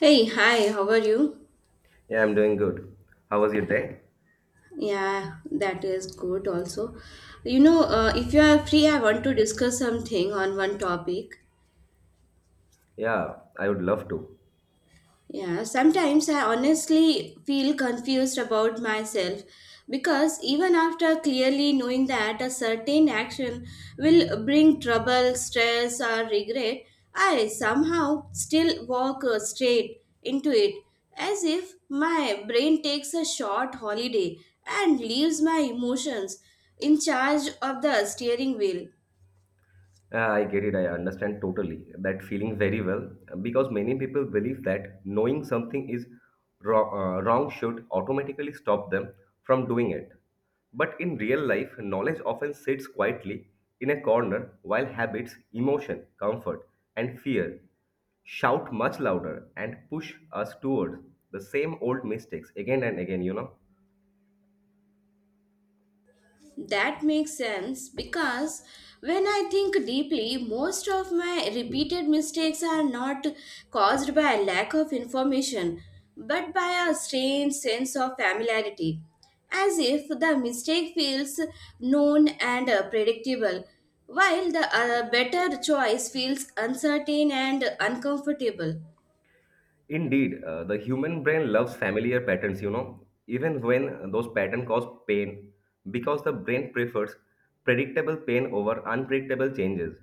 Hey, hi, how are you? Yeah, I'm doing good. How was your day? Yeah, that is good also. You know, if you are free, I want to discuss something on one topic. Yeah, I would love to. Yeah, sometimes I honestly feel confused about myself because even after clearly knowing that a certain action will bring trouble, stress, or regret, I somehow still walk straight into it as if my brain takes a short holiday and leaves my emotions in charge of the steering wheel. Yeah, I get it. I understand totally that feeling very well because many people believe that knowing something is wrong should automatically stop them from doing it. But in real life, knowledge often sits quietly in a corner while habits, emotion, comfort, and fear shout much louder and push us towards the same old mistakes again and again. That makes sense because when I think deeply, most of my repeated mistakes are not caused by a lack of information but by a strange sense of familiarity, as if the mistake feels known and predictable, while the better choice feels uncertain and uncomfortable. Indeed, the human brain loves familiar patterns, even when those patterns cause pain, because the brain prefers predictable pain over unpredictable changes.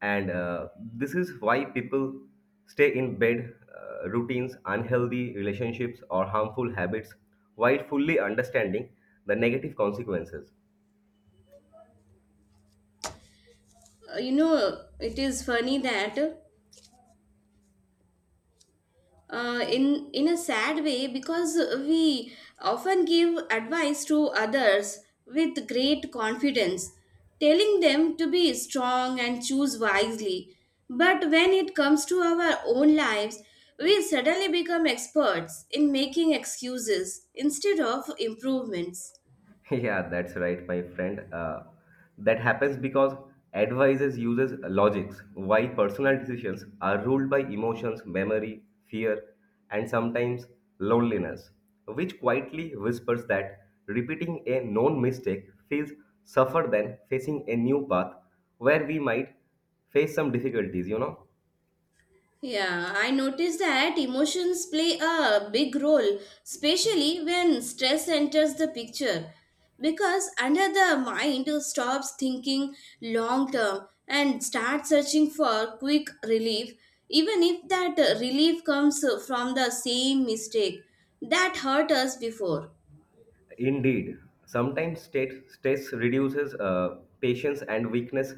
And this is why people stay in bed, routines, unhealthy relationships, or harmful habits while fully understanding the negative consequences. It is funny that, in a sad way because we often give advice to others with great confidence, telling them to be strong and choose wisely, but when it comes to our own lives, we suddenly become experts in making excuses instead of improvements. Yeah, that's right, my friend. That happens because advisors uses logics, while personal decisions are ruled by emotions, memory, fear, and sometimes loneliness, which quietly whispers that repeating a known mistake feels suffer than facing a new path where we might face some difficulties? Yeah, I noticed that emotions play a big role, especially when stress enters the picture. Because under, the mind stops thinking long term and starts searching for quick relief, even if that relief comes from the same mistake that hurt us before. Indeed, sometimes stress reduces patience and weakness,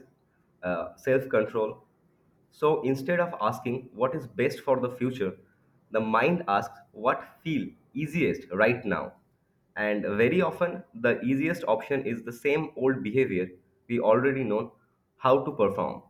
self control. So instead of asking what is best for the future, the mind asks what feel easiest right now. And very often, the easiest option is the same old behavior we already know how to perform.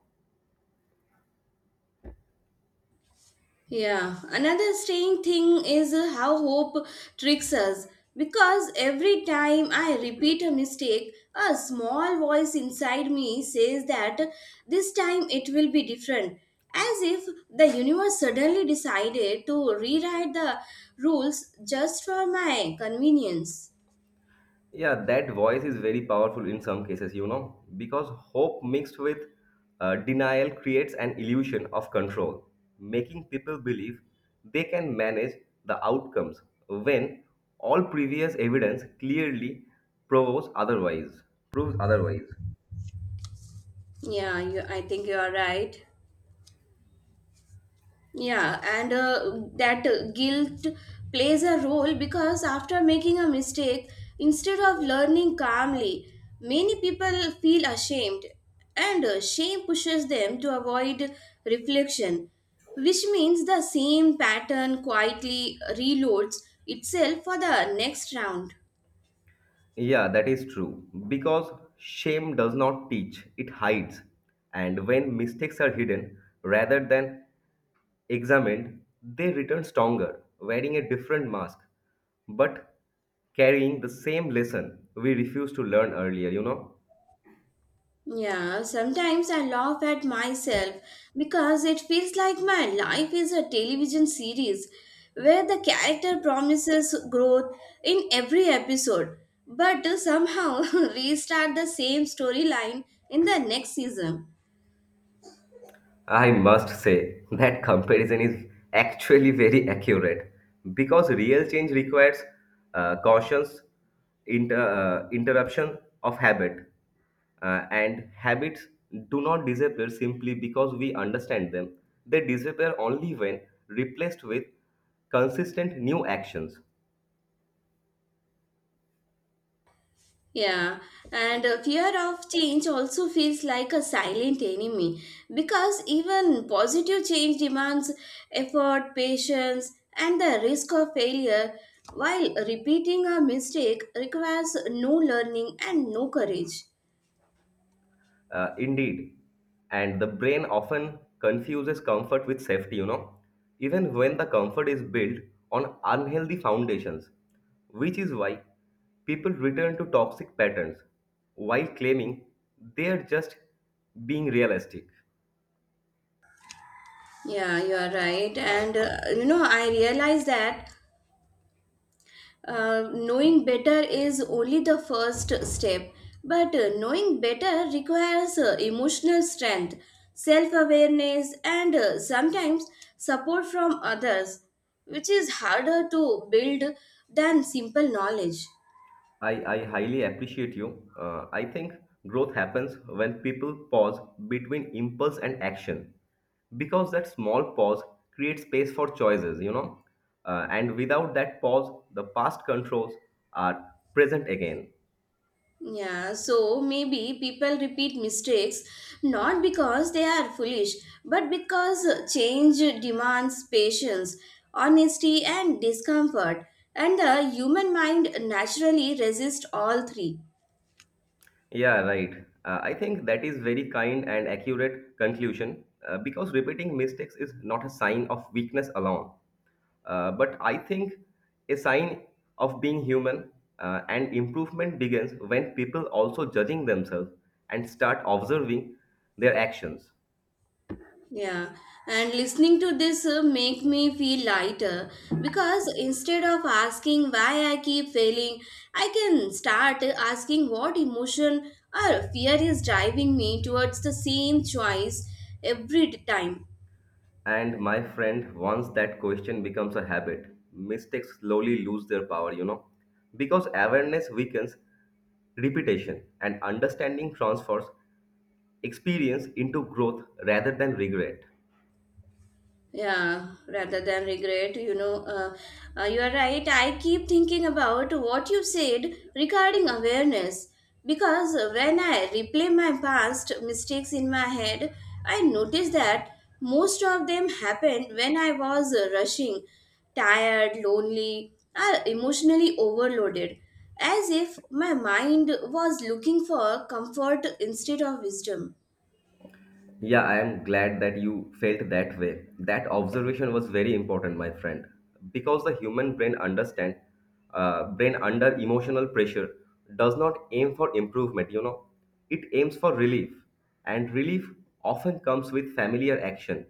Yeah, another strange thing is how hope tricks us, because every time I repeat a mistake, a small voice inside me says that this time it will be different, as if the universe suddenly decided to rewrite the rules just for my convenience. Yeah, that voice is very powerful in some cases, because hope mixed with denial creates an illusion of control, making people believe they can manage the outcomes when all previous evidence clearly proves otherwise. Proves otherwise. Yeah, you, I think you are right. Yeah, and that guilt plays a role because after making a mistake, instead of learning calmly, many people feel ashamed, and shame pushes them to avoid reflection, which means the same pattern quietly reloads itself for the next round. Yeah, that is true. Because shame does not teach, it hides. And when mistakes are hidden rather than examined, they return stronger, wearing a different mask, but carrying the same lesson we refused to learn earlier? Yeah, sometimes I laugh at myself because it feels like my life is a television series where the character promises growth in every episode, but somehow restart the same storyline in the next season. I must say that comparison is actually very accurate because real change requires cautions, interruption of habit, and habits do not disappear simply because we understand them. They disappear only when replaced with consistent new actions. Yeah, and fear of change also feels like a silent enemy because even positive change demands effort, patience, and the risk of failure, while repeating a mistake requires no learning and no courage. Indeed, and the brain often confuses comfort with safety, even when the comfort is built on unhealthy foundations, which is why people return to toxic patterns while claiming they are just being realistic. Yeah, you are right. And I realize that knowing better is only the first step, but knowing better requires emotional strength, self awareness, and sometimes support from others, which is harder to build than simple knowledge. I highly appreciate you. I think growth happens when people pause between impulse and action because that small pause creates space for choices. And without that pause, the past controls are present again. Yeah, so maybe people repeat mistakes not because they are foolish, but because change demands patience, honesty, and discomfort, and the human mind naturally resists all three. Yeah, right. I think that is very kind and accurate conclusion because repeating mistakes is not a sign of weakness alone, but I think a sign of being human and improvement begins when people also judging themselves and start observing their actions. Yeah, and listening to this make me feel lighter because instead of asking why I keep failing, I can start asking what emotion or fear is driving me towards the same choice every time. And my friend, once that question becomes a habit, mistakes slowly lose their power, because awareness weakens repetition and understanding transfers experience into growth rather than regret. Yeah, rather than regret, you are right. I keep thinking about what you said regarding awareness because when I replay my past mistakes in my head, I notice that most of them happened when I was rushing, tired, lonely, or emotionally overloaded, as if my mind was looking for comfort instead of wisdom. Yeah, I am glad that you felt that way. That observation was very important, my friend, because the human brain under emotional pressure does not aim for improvement. It aims for relief, and relief often comes with familiar action,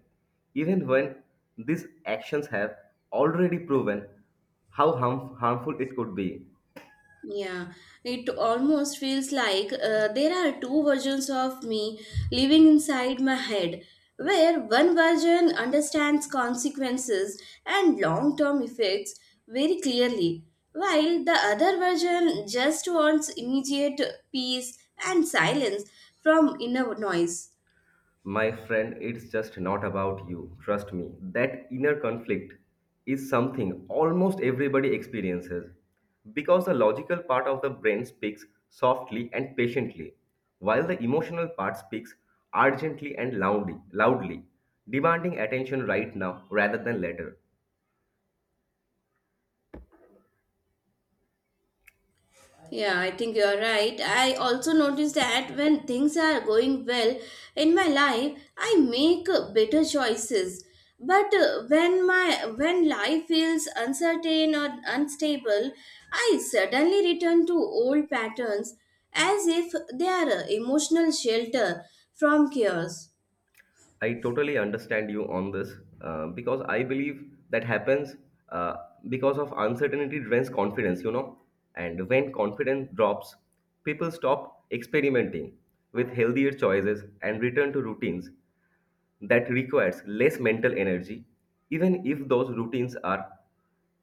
even when these actions have already proven how harmful it could be. Yeah, it almost feels like there are two versions of me living inside my head, where one version understands consequences and long term effects very clearly, while the other version just wants immediate peace and silence from inner noise. My friend, it's just not about you. Trust me. That inner conflict is something almost everybody experiences because the logical part of the brain speaks softly and patiently, while the emotional part speaks urgently and loudly, demanding attention right now rather than later. Yeah, I think you're right. I also notice that when things are going well in my life, I make better choices. But when life feels uncertain or unstable, I suddenly return to old patterns as if they are a emotional shelter from chaos. I totally understand you on this because I believe that happens uh, because of uncertainty drains confidence. And when confidence drops, people stop experimenting with healthier choices and return to routines that requires less mental energy, even if those routines are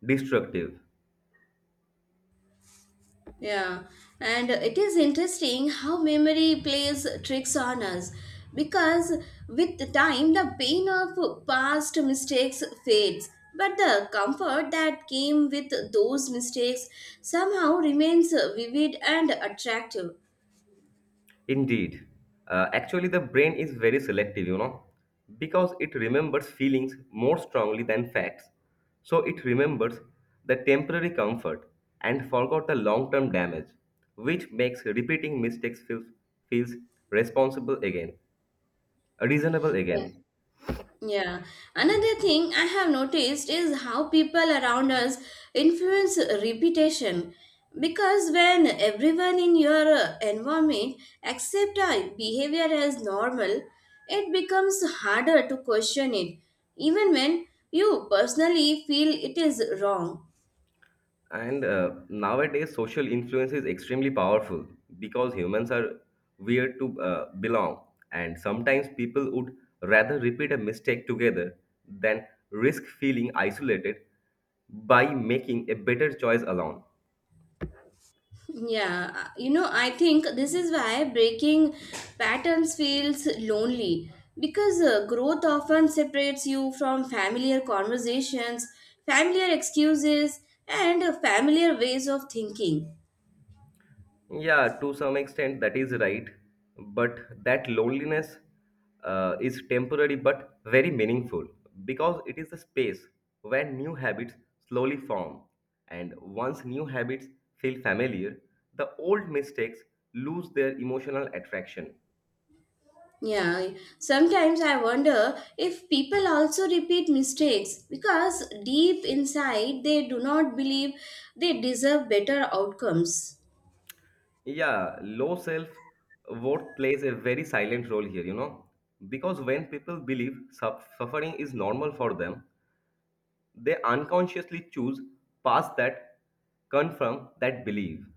destructive. Yeah, and it is interesting how memory plays tricks on us because with the time the pain of past mistakes fades, but the comfort that came with those mistakes somehow remains vivid and attractive. Indeed. Actually, the brain is very selective, because it remembers feelings more strongly than facts. So it remembers the temporary comfort and forgot the long term damage, which makes repeating mistakes feels responsible again, reasonable Yeah. again. Yeah. Another thing I have noticed is how people around us influence reputation. Because when everyone in your environment accept a behavior as normal, it becomes harder to question it, even when you personally feel it is wrong. And nowadays, social influence is extremely powerful because humans are weird to belong. And sometimes people would rather repeat a mistake together than risk feeling isolated by making a better choice alone. Yeah, I think this is why breaking patterns feels lonely because growth often separates you from familiar conversations, familiar excuses, and familiar ways of thinking. Yeah, to some extent that is right. But that loneliness is temporary but very meaningful because it is the space where new habits slowly form. And once new habits feel familiar, the old mistakes lose their emotional attraction. Yeah, sometimes I wonder if people also repeat mistakes because deep inside they do not believe they deserve better outcomes. Yeah, low self worth plays a very silent role here, because when people believe suffering is normal for them, they unconsciously choose paths that confirm that belief.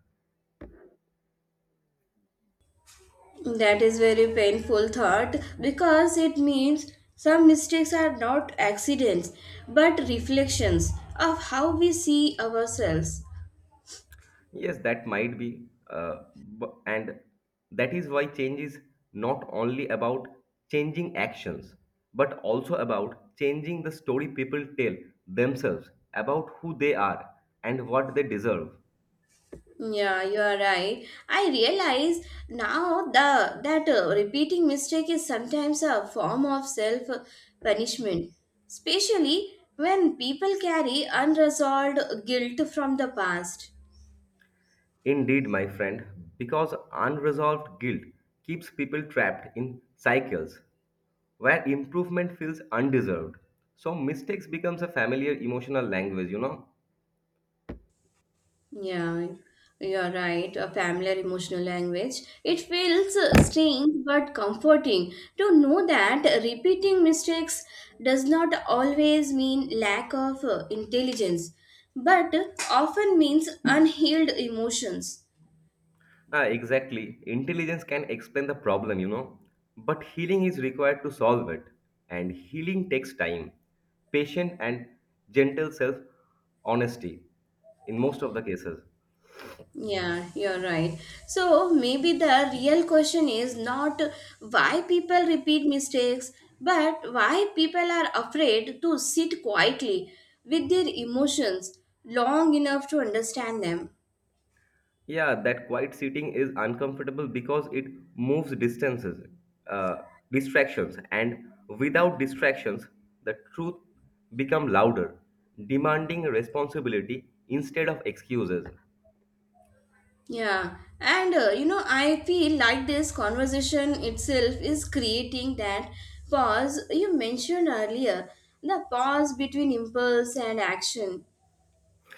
That is very painful thought because it means some mistakes are not accidents but reflections of how we see ourselves. Yes, that might be, and that is why change is not only about changing actions, but also about changing the story people tell themselves about who they are and what they deserve. Yeah, you are right. I realize now the that repeating mistake is sometimes a form of self punishment, especially when people carry unresolved guilt from the past. Indeed, my friend, because unresolved guilt keeps people trapped in cycles where improvement feels undeserved. So mistakes becomes a familiar emotional language. Yeah, you're right. A familiar emotional language. It feels strange but comforting to know that repeating mistakes does not always mean lack of intelligence, but often means unhealed emotions. Ah, exactly. Intelligence can explain the problem. But healing is required to solve it. And healing takes time, patience and gentle self-honesty in most of the cases. Yeah, you're right. So maybe the real question is not why people repeat mistakes, but why people are afraid to sit quietly with their emotions long enough to understand them. Yeah, that quiet sitting is uncomfortable because it moves uh, distractions, and without distractions, the truth become louder, demanding responsibility instead of excuses. Yeah, and I feel like this conversation itself is creating that pause you mentioned earlier, the pause between impulse and action.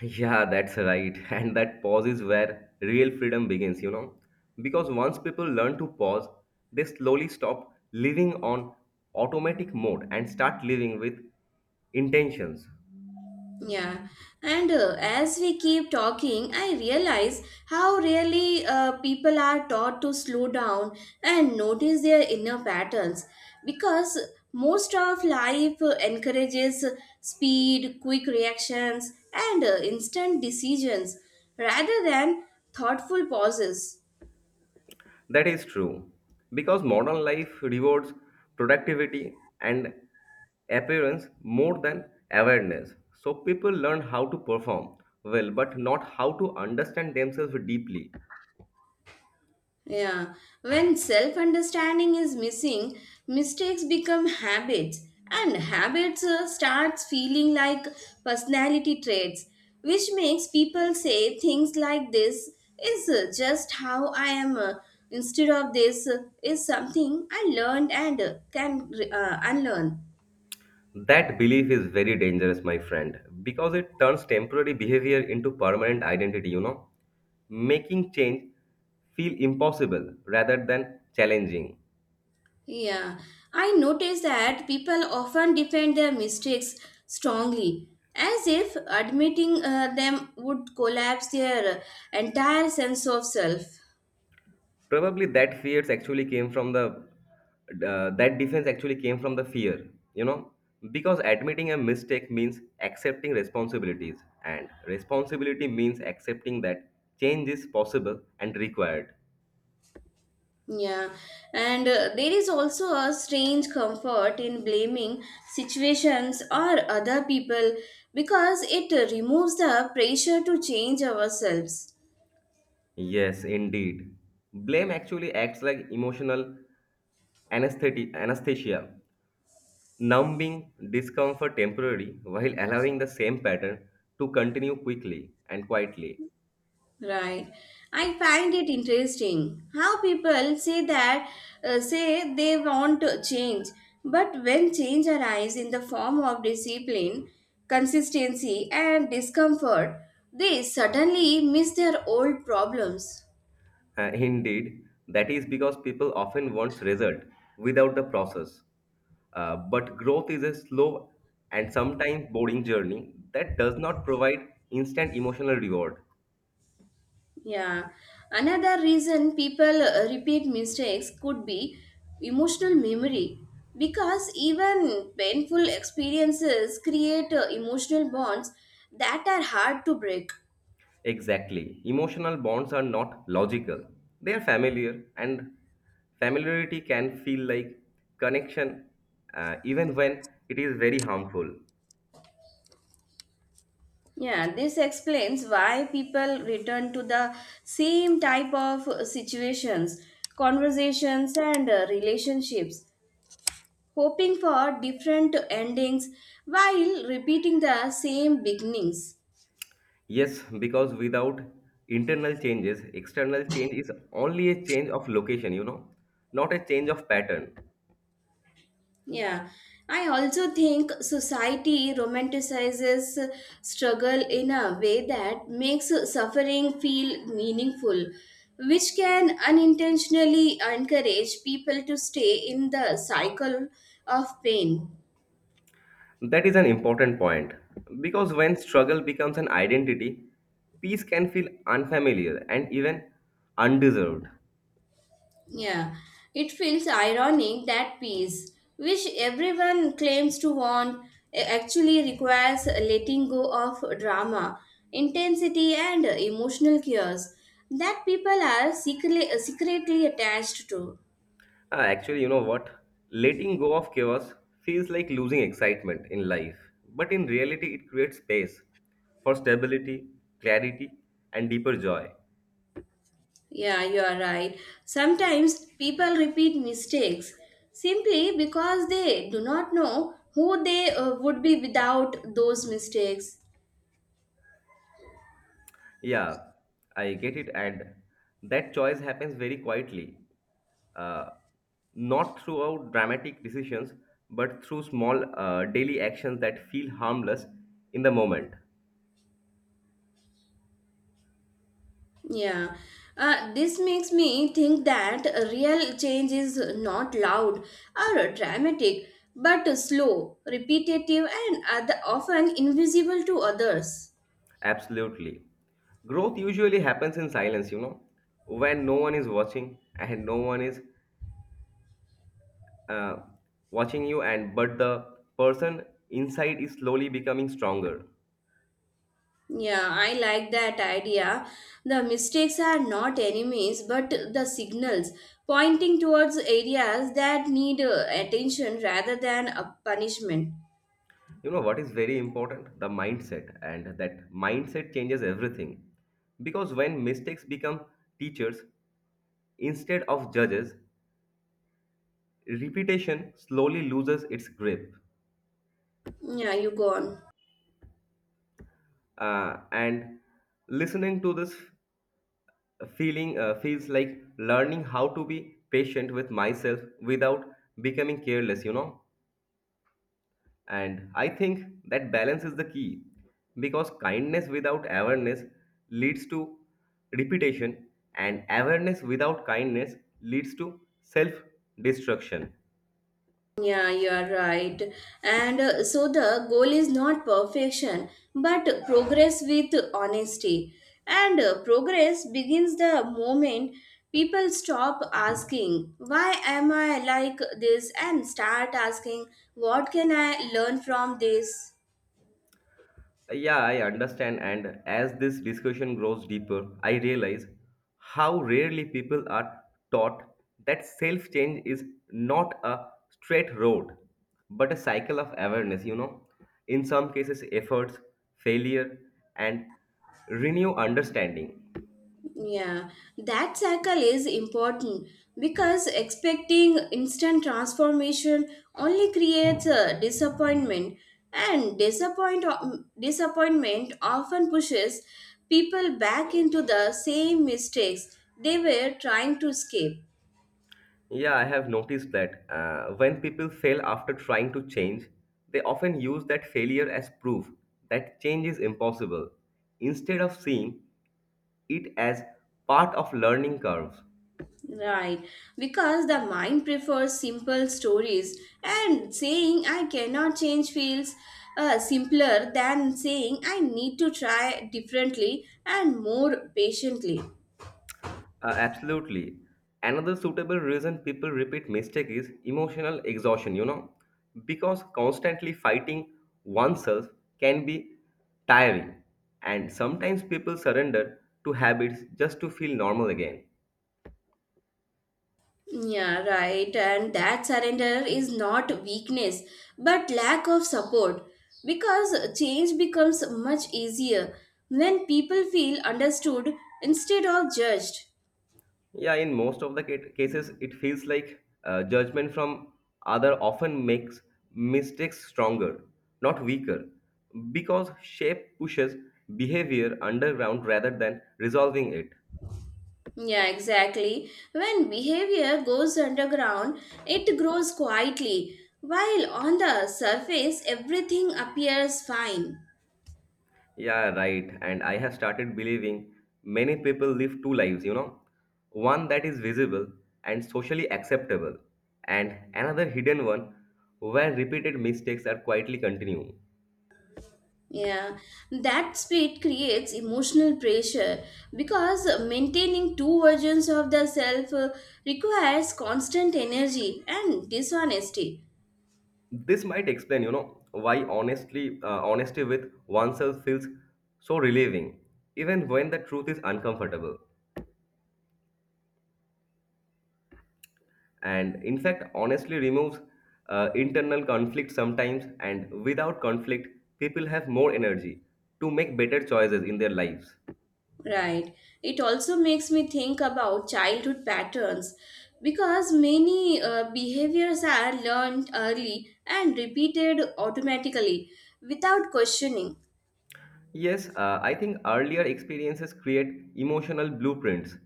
Yeah, that's right. And that pause is where real freedom begins. Because once people learn to pause, they slowly stop living on automatic mode and start living with intentions. Yeah, and as we keep talking, I realize how really people are taught to slow down and notice their inner patterns because most of life encourages speed, quick reactions, and instant decisions rather than thoughtful pauses. That is true, because modern life rewards productivity and appearance more than awareness. So people learn how to perform well, but not how to understand themselves deeply. Yeah, when self understanding is missing, mistakes become habits, and habits starts feeling like personality traits, which makes people say things like, this is just how I am, instead of, this is something I learned and can unlearn. That belief is very dangerous, my friend, because it turns temporary behavior into permanent identity, making change feel impossible rather than challenging. Yeah, I noticed that people often defend their mistakes strongly, as if admitting them would collapse their entire sense of self. Probably that fears actually came from the that defense actually came from the fear you know because admitting a mistake means accepting responsibilities and responsibility means accepting that change is possible and required. Yeah, and there is also a strange comfort in blaming situations or other people because it removes the pressure to change ourselves. Yes, indeed, blame actually acts like emotional anesthesia numbing discomfort temporarily while allowing the same pattern to continue quickly and quietly. Right. I find it interesting how people say that say they want to change, but when change arises in the form of discipline, consistency, and discomfort, they suddenly miss their old problems. Indeed, that is because people often want result without the process. But growth is a slow and sometimes boring journey that does not provide instant emotional reward. Yeah. Another reason people repeat mistakes could be emotional memory because even painful experiences create emotional bonds that are hard to break. Exactly. Emotional bonds are not logical. They are familiar, and familiarity can feel like connection even when it is very harmful. Yeah, this explains why people return to the same type of situations, conversations, and relationships, hoping for different endings while repeating the same beginnings. Yes, because without internal changes, external change is only a change of location, not a change of pattern. Yeah, I also think society romanticizes struggle in a way that makes suffering feel meaningful, which can unintentionally encourage people to stay in the cycle of pain. That is an important point because when struggle becomes an identity, peace can feel unfamiliar and even undeserved. Yeah, it feels ironic that peace, which everyone claims to want, actually requires letting go of drama, intensity, and emotional cures that people are secretly attached to. Actually, you know what? Letting go of chaos feels like losing excitement in life, but in reality, it creates space for stability, clarity, and deeper joy. Yeah, you are right. Sometimes people repeat mistakes simply because they do not know who they would be without those mistakes. Yeah, I get it. And that choice happens very quietly, uh, not throughout dramatic decisions, but through small daily actions that feel harmless in the moment. Yeah, this makes me think that real change is not loud or dramatic, but slow, repetitive, and other, often invisible to others. Absolutely. Growth usually happens in silence, when no one is watching and no one is uh, watching you, and but the person inside is slowly becoming stronger. Yeah, I like that idea. The mistakes are not enemies, but the signals pointing towards areas that need attention rather than a punishment. You know what is very important? The mindset, and that mindset changes everything. Because when mistakes become teachers instead of judges, repetition slowly loses its grip. Yeah, you go on. And listening to this feeling feels like learning how to be patient with myself without becoming careless. And I think that balance is the key because kindness without awareness leads to repetition, and awareness without kindness leads to self destruction. Yeah, you are right. And so the goal is not perfection, but progress with honesty. And progress begins the moment people stop asking, why am I like this? And start asking, what can I learn from this? Yeah, I understand. And as this discussion grows deeper, I realize how rarely people are taught that self change is not a straight road, but a cycle of awareness. In some cases, efforts, failure, and renew understanding. Yeah, that cycle is important because expecting instant transformation only creates a disappointment, and disappointment often pushes people back into the same mistakes they were trying to escape. Yeah, I have noticed that when people fail after trying to change, they often use that failure as proof that change is impossible instead of seeing it as part of learning curves. Right, because the mind prefers simple stories, and saying I cannot change feels simpler than saying I need to try differently and more patiently. Absolutely. Another suitable reason people repeat mistake is emotional exhaustion, because constantly fighting oneself can be tiring and sometimes people surrender to habits just to feel normal again. Yeah, right, and that surrender is not weakness but lack of support because change becomes much easier when people feel understood instead of judged. Yeah, in most of the cases, it feels like judgment from other often makes mistakes stronger, not weaker, because shape pushes behavior underground rather than resolving it. Yeah, exactly. When behavior goes underground, it grows quietly, while on the surface, everything appears fine. Yeah, right. And I have started believing many people live two lives, one that is visible and socially acceptable, and another hidden one where repeated mistakes are quietly continuing. Yeah, that split creates emotional pressure because maintaining two versions of the self requires constant energy and dishonesty. This might explain why honestly honesty with oneself feels so relieving, even when the truth is uncomfortable. And in fact, honestly removes internal conflict sometimes, and without conflict, people have more energy to make better choices in their lives. Right. It also makes me think about childhood patterns because many behaviors are learned early and repeated automatically without questioning. Yes, I think earlier experiences create emotional blueprints,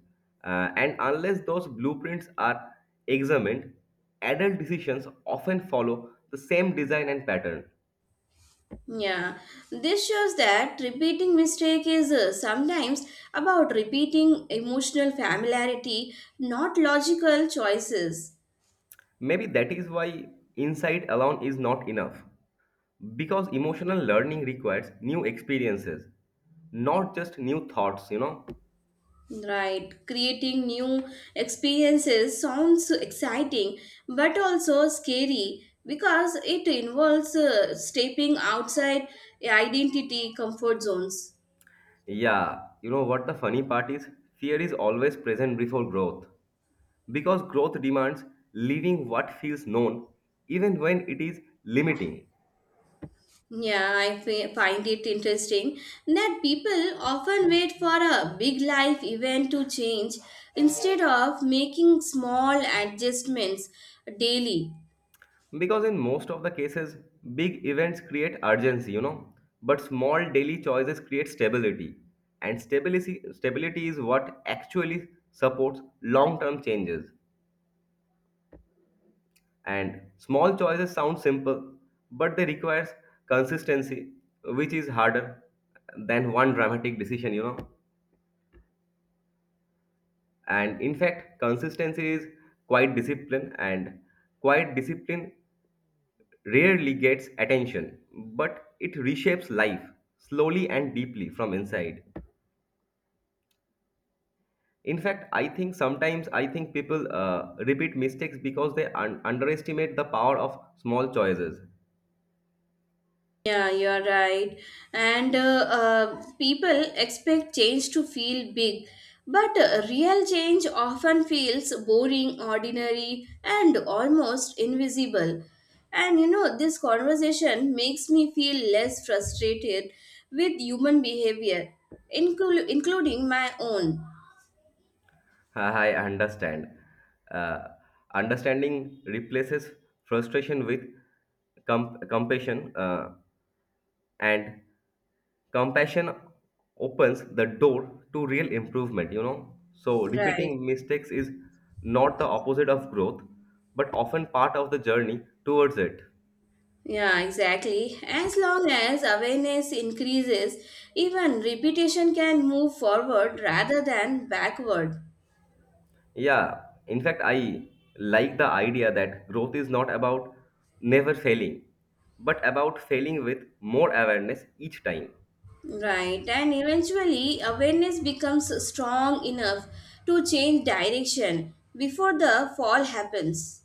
and unless those blueprints are examined, adult decisions often follow the same design and pattern. Yeah. This shows that repeating mistake is sometimes about repeating emotional familiarity, not logical choices. Maybe that is why insight alone is not enough. Because emotional learning requires new experiences, not just new thoughts. Right, creating new experiences sounds exciting but also scary because it involves stepping outside identity comfort zones. Yeah, you know what the funny part is? Fear is always present before growth. Because growth demands leaving what feels known, even when it is limiting. Yeah, I find it interesting that people often wait for a big life event to change instead of making small adjustments daily. Because in most of the cases, big events create urgency, but small daily choices create stability. And stability is what actually supports long term changes. And small choices sound simple, but they requires consistency, which is harder than one dramatic decision. And in fact, consistency is quite discipline, and quite discipline rarely gets attention, but it reshapes life slowly and deeply from inside. In fact, I think sometimes I think people repeat mistakes because they underestimate the power of small choices. Yeah, you're right. And people expect change to feel big, but real change often feels boring, ordinary, and almost invisible. And you know, this conversation makes me feel less frustrated with human behavior, including my own. I understand. Uh, understanding replaces frustration with compassion. And compassion opens the door to real improvement. So Right. repeating mistakes is not the opposite of growth but often part of the journey towards it. Yeah, exactly. As long as awareness increases, even repetition can move forward rather than backward. Yeah, in fact, I like the idea that growth is not about never failing but about failing with more awareness each time. Right, and eventually awareness becomes strong enough to change direction before the fall happens.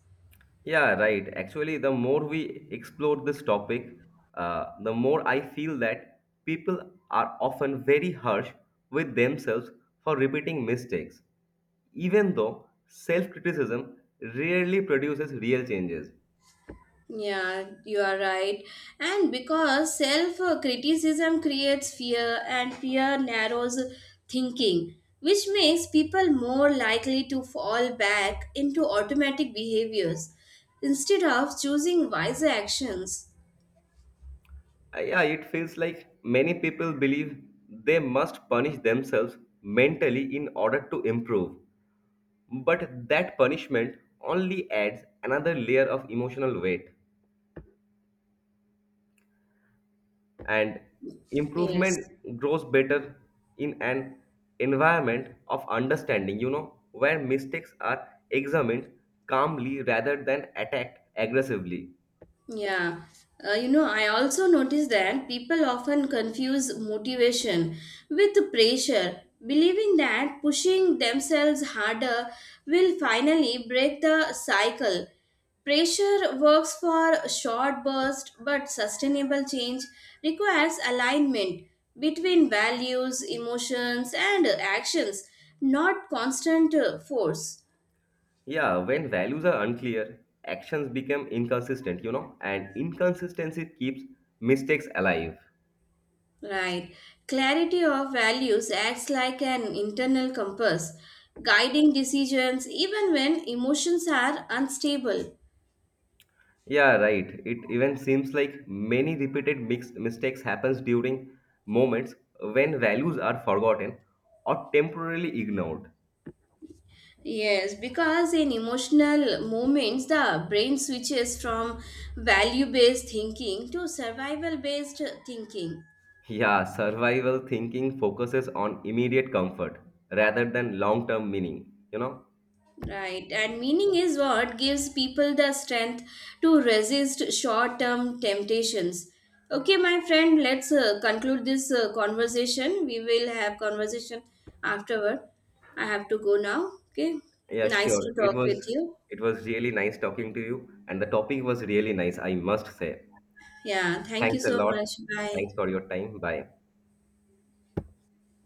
Yeah, right. Actually, the more we explore this topic, the more I feel that people are often very harsh with themselves for repeating mistakes, even though self criticism rarely produces real changes. Yeah, you are right. And because self criticism creates fear, and fear narrows thinking, which makes people more likely to fall back into automatic behaviors instead of choosing wiser actions. Yeah, it feels like many people believe they must punish themselves mentally in order to improve, but that punishment only adds another layer of emotional weight. And Yes. improvement grows better in an environment of understanding where mistakes are examined calmly rather than attacked aggressively. Yeah, I also notice that people often confuse motivation with pressure, believing that pushing themselves harder will finally break the cycle. Pressure works for short bursts, but sustainable change requires alignment between values, emotions, and actions, not constant force. Yeah, when values are unclear actions become inconsistent and inconsistency keeps mistakes alive. Right. Clarity of values acts like an internal compass, guiding decisions even when emotions are unstable. Yeah, right, it even seems like many repeated mixed mistakes happens during moments when values are forgotten or temporarily ignored. Yes, because in emotional moments, the brain switches from value based thinking to survival based thinking. Yeah, survival thinking focuses on immediate comfort rather than long-term meaning, you know? Right, and meaning is what gives people the strength to resist short term temptations. Okay, my friend, let's conclude this conversation. We will have conversation afterward. I have to go now. Okay, Yeah, nice sure. to It talk was with you. it was really nice talking to you and the topic was really nice, I must say. Yeah, thank you Thanks a so lot. much. Bye. Thanks for your time. Bye.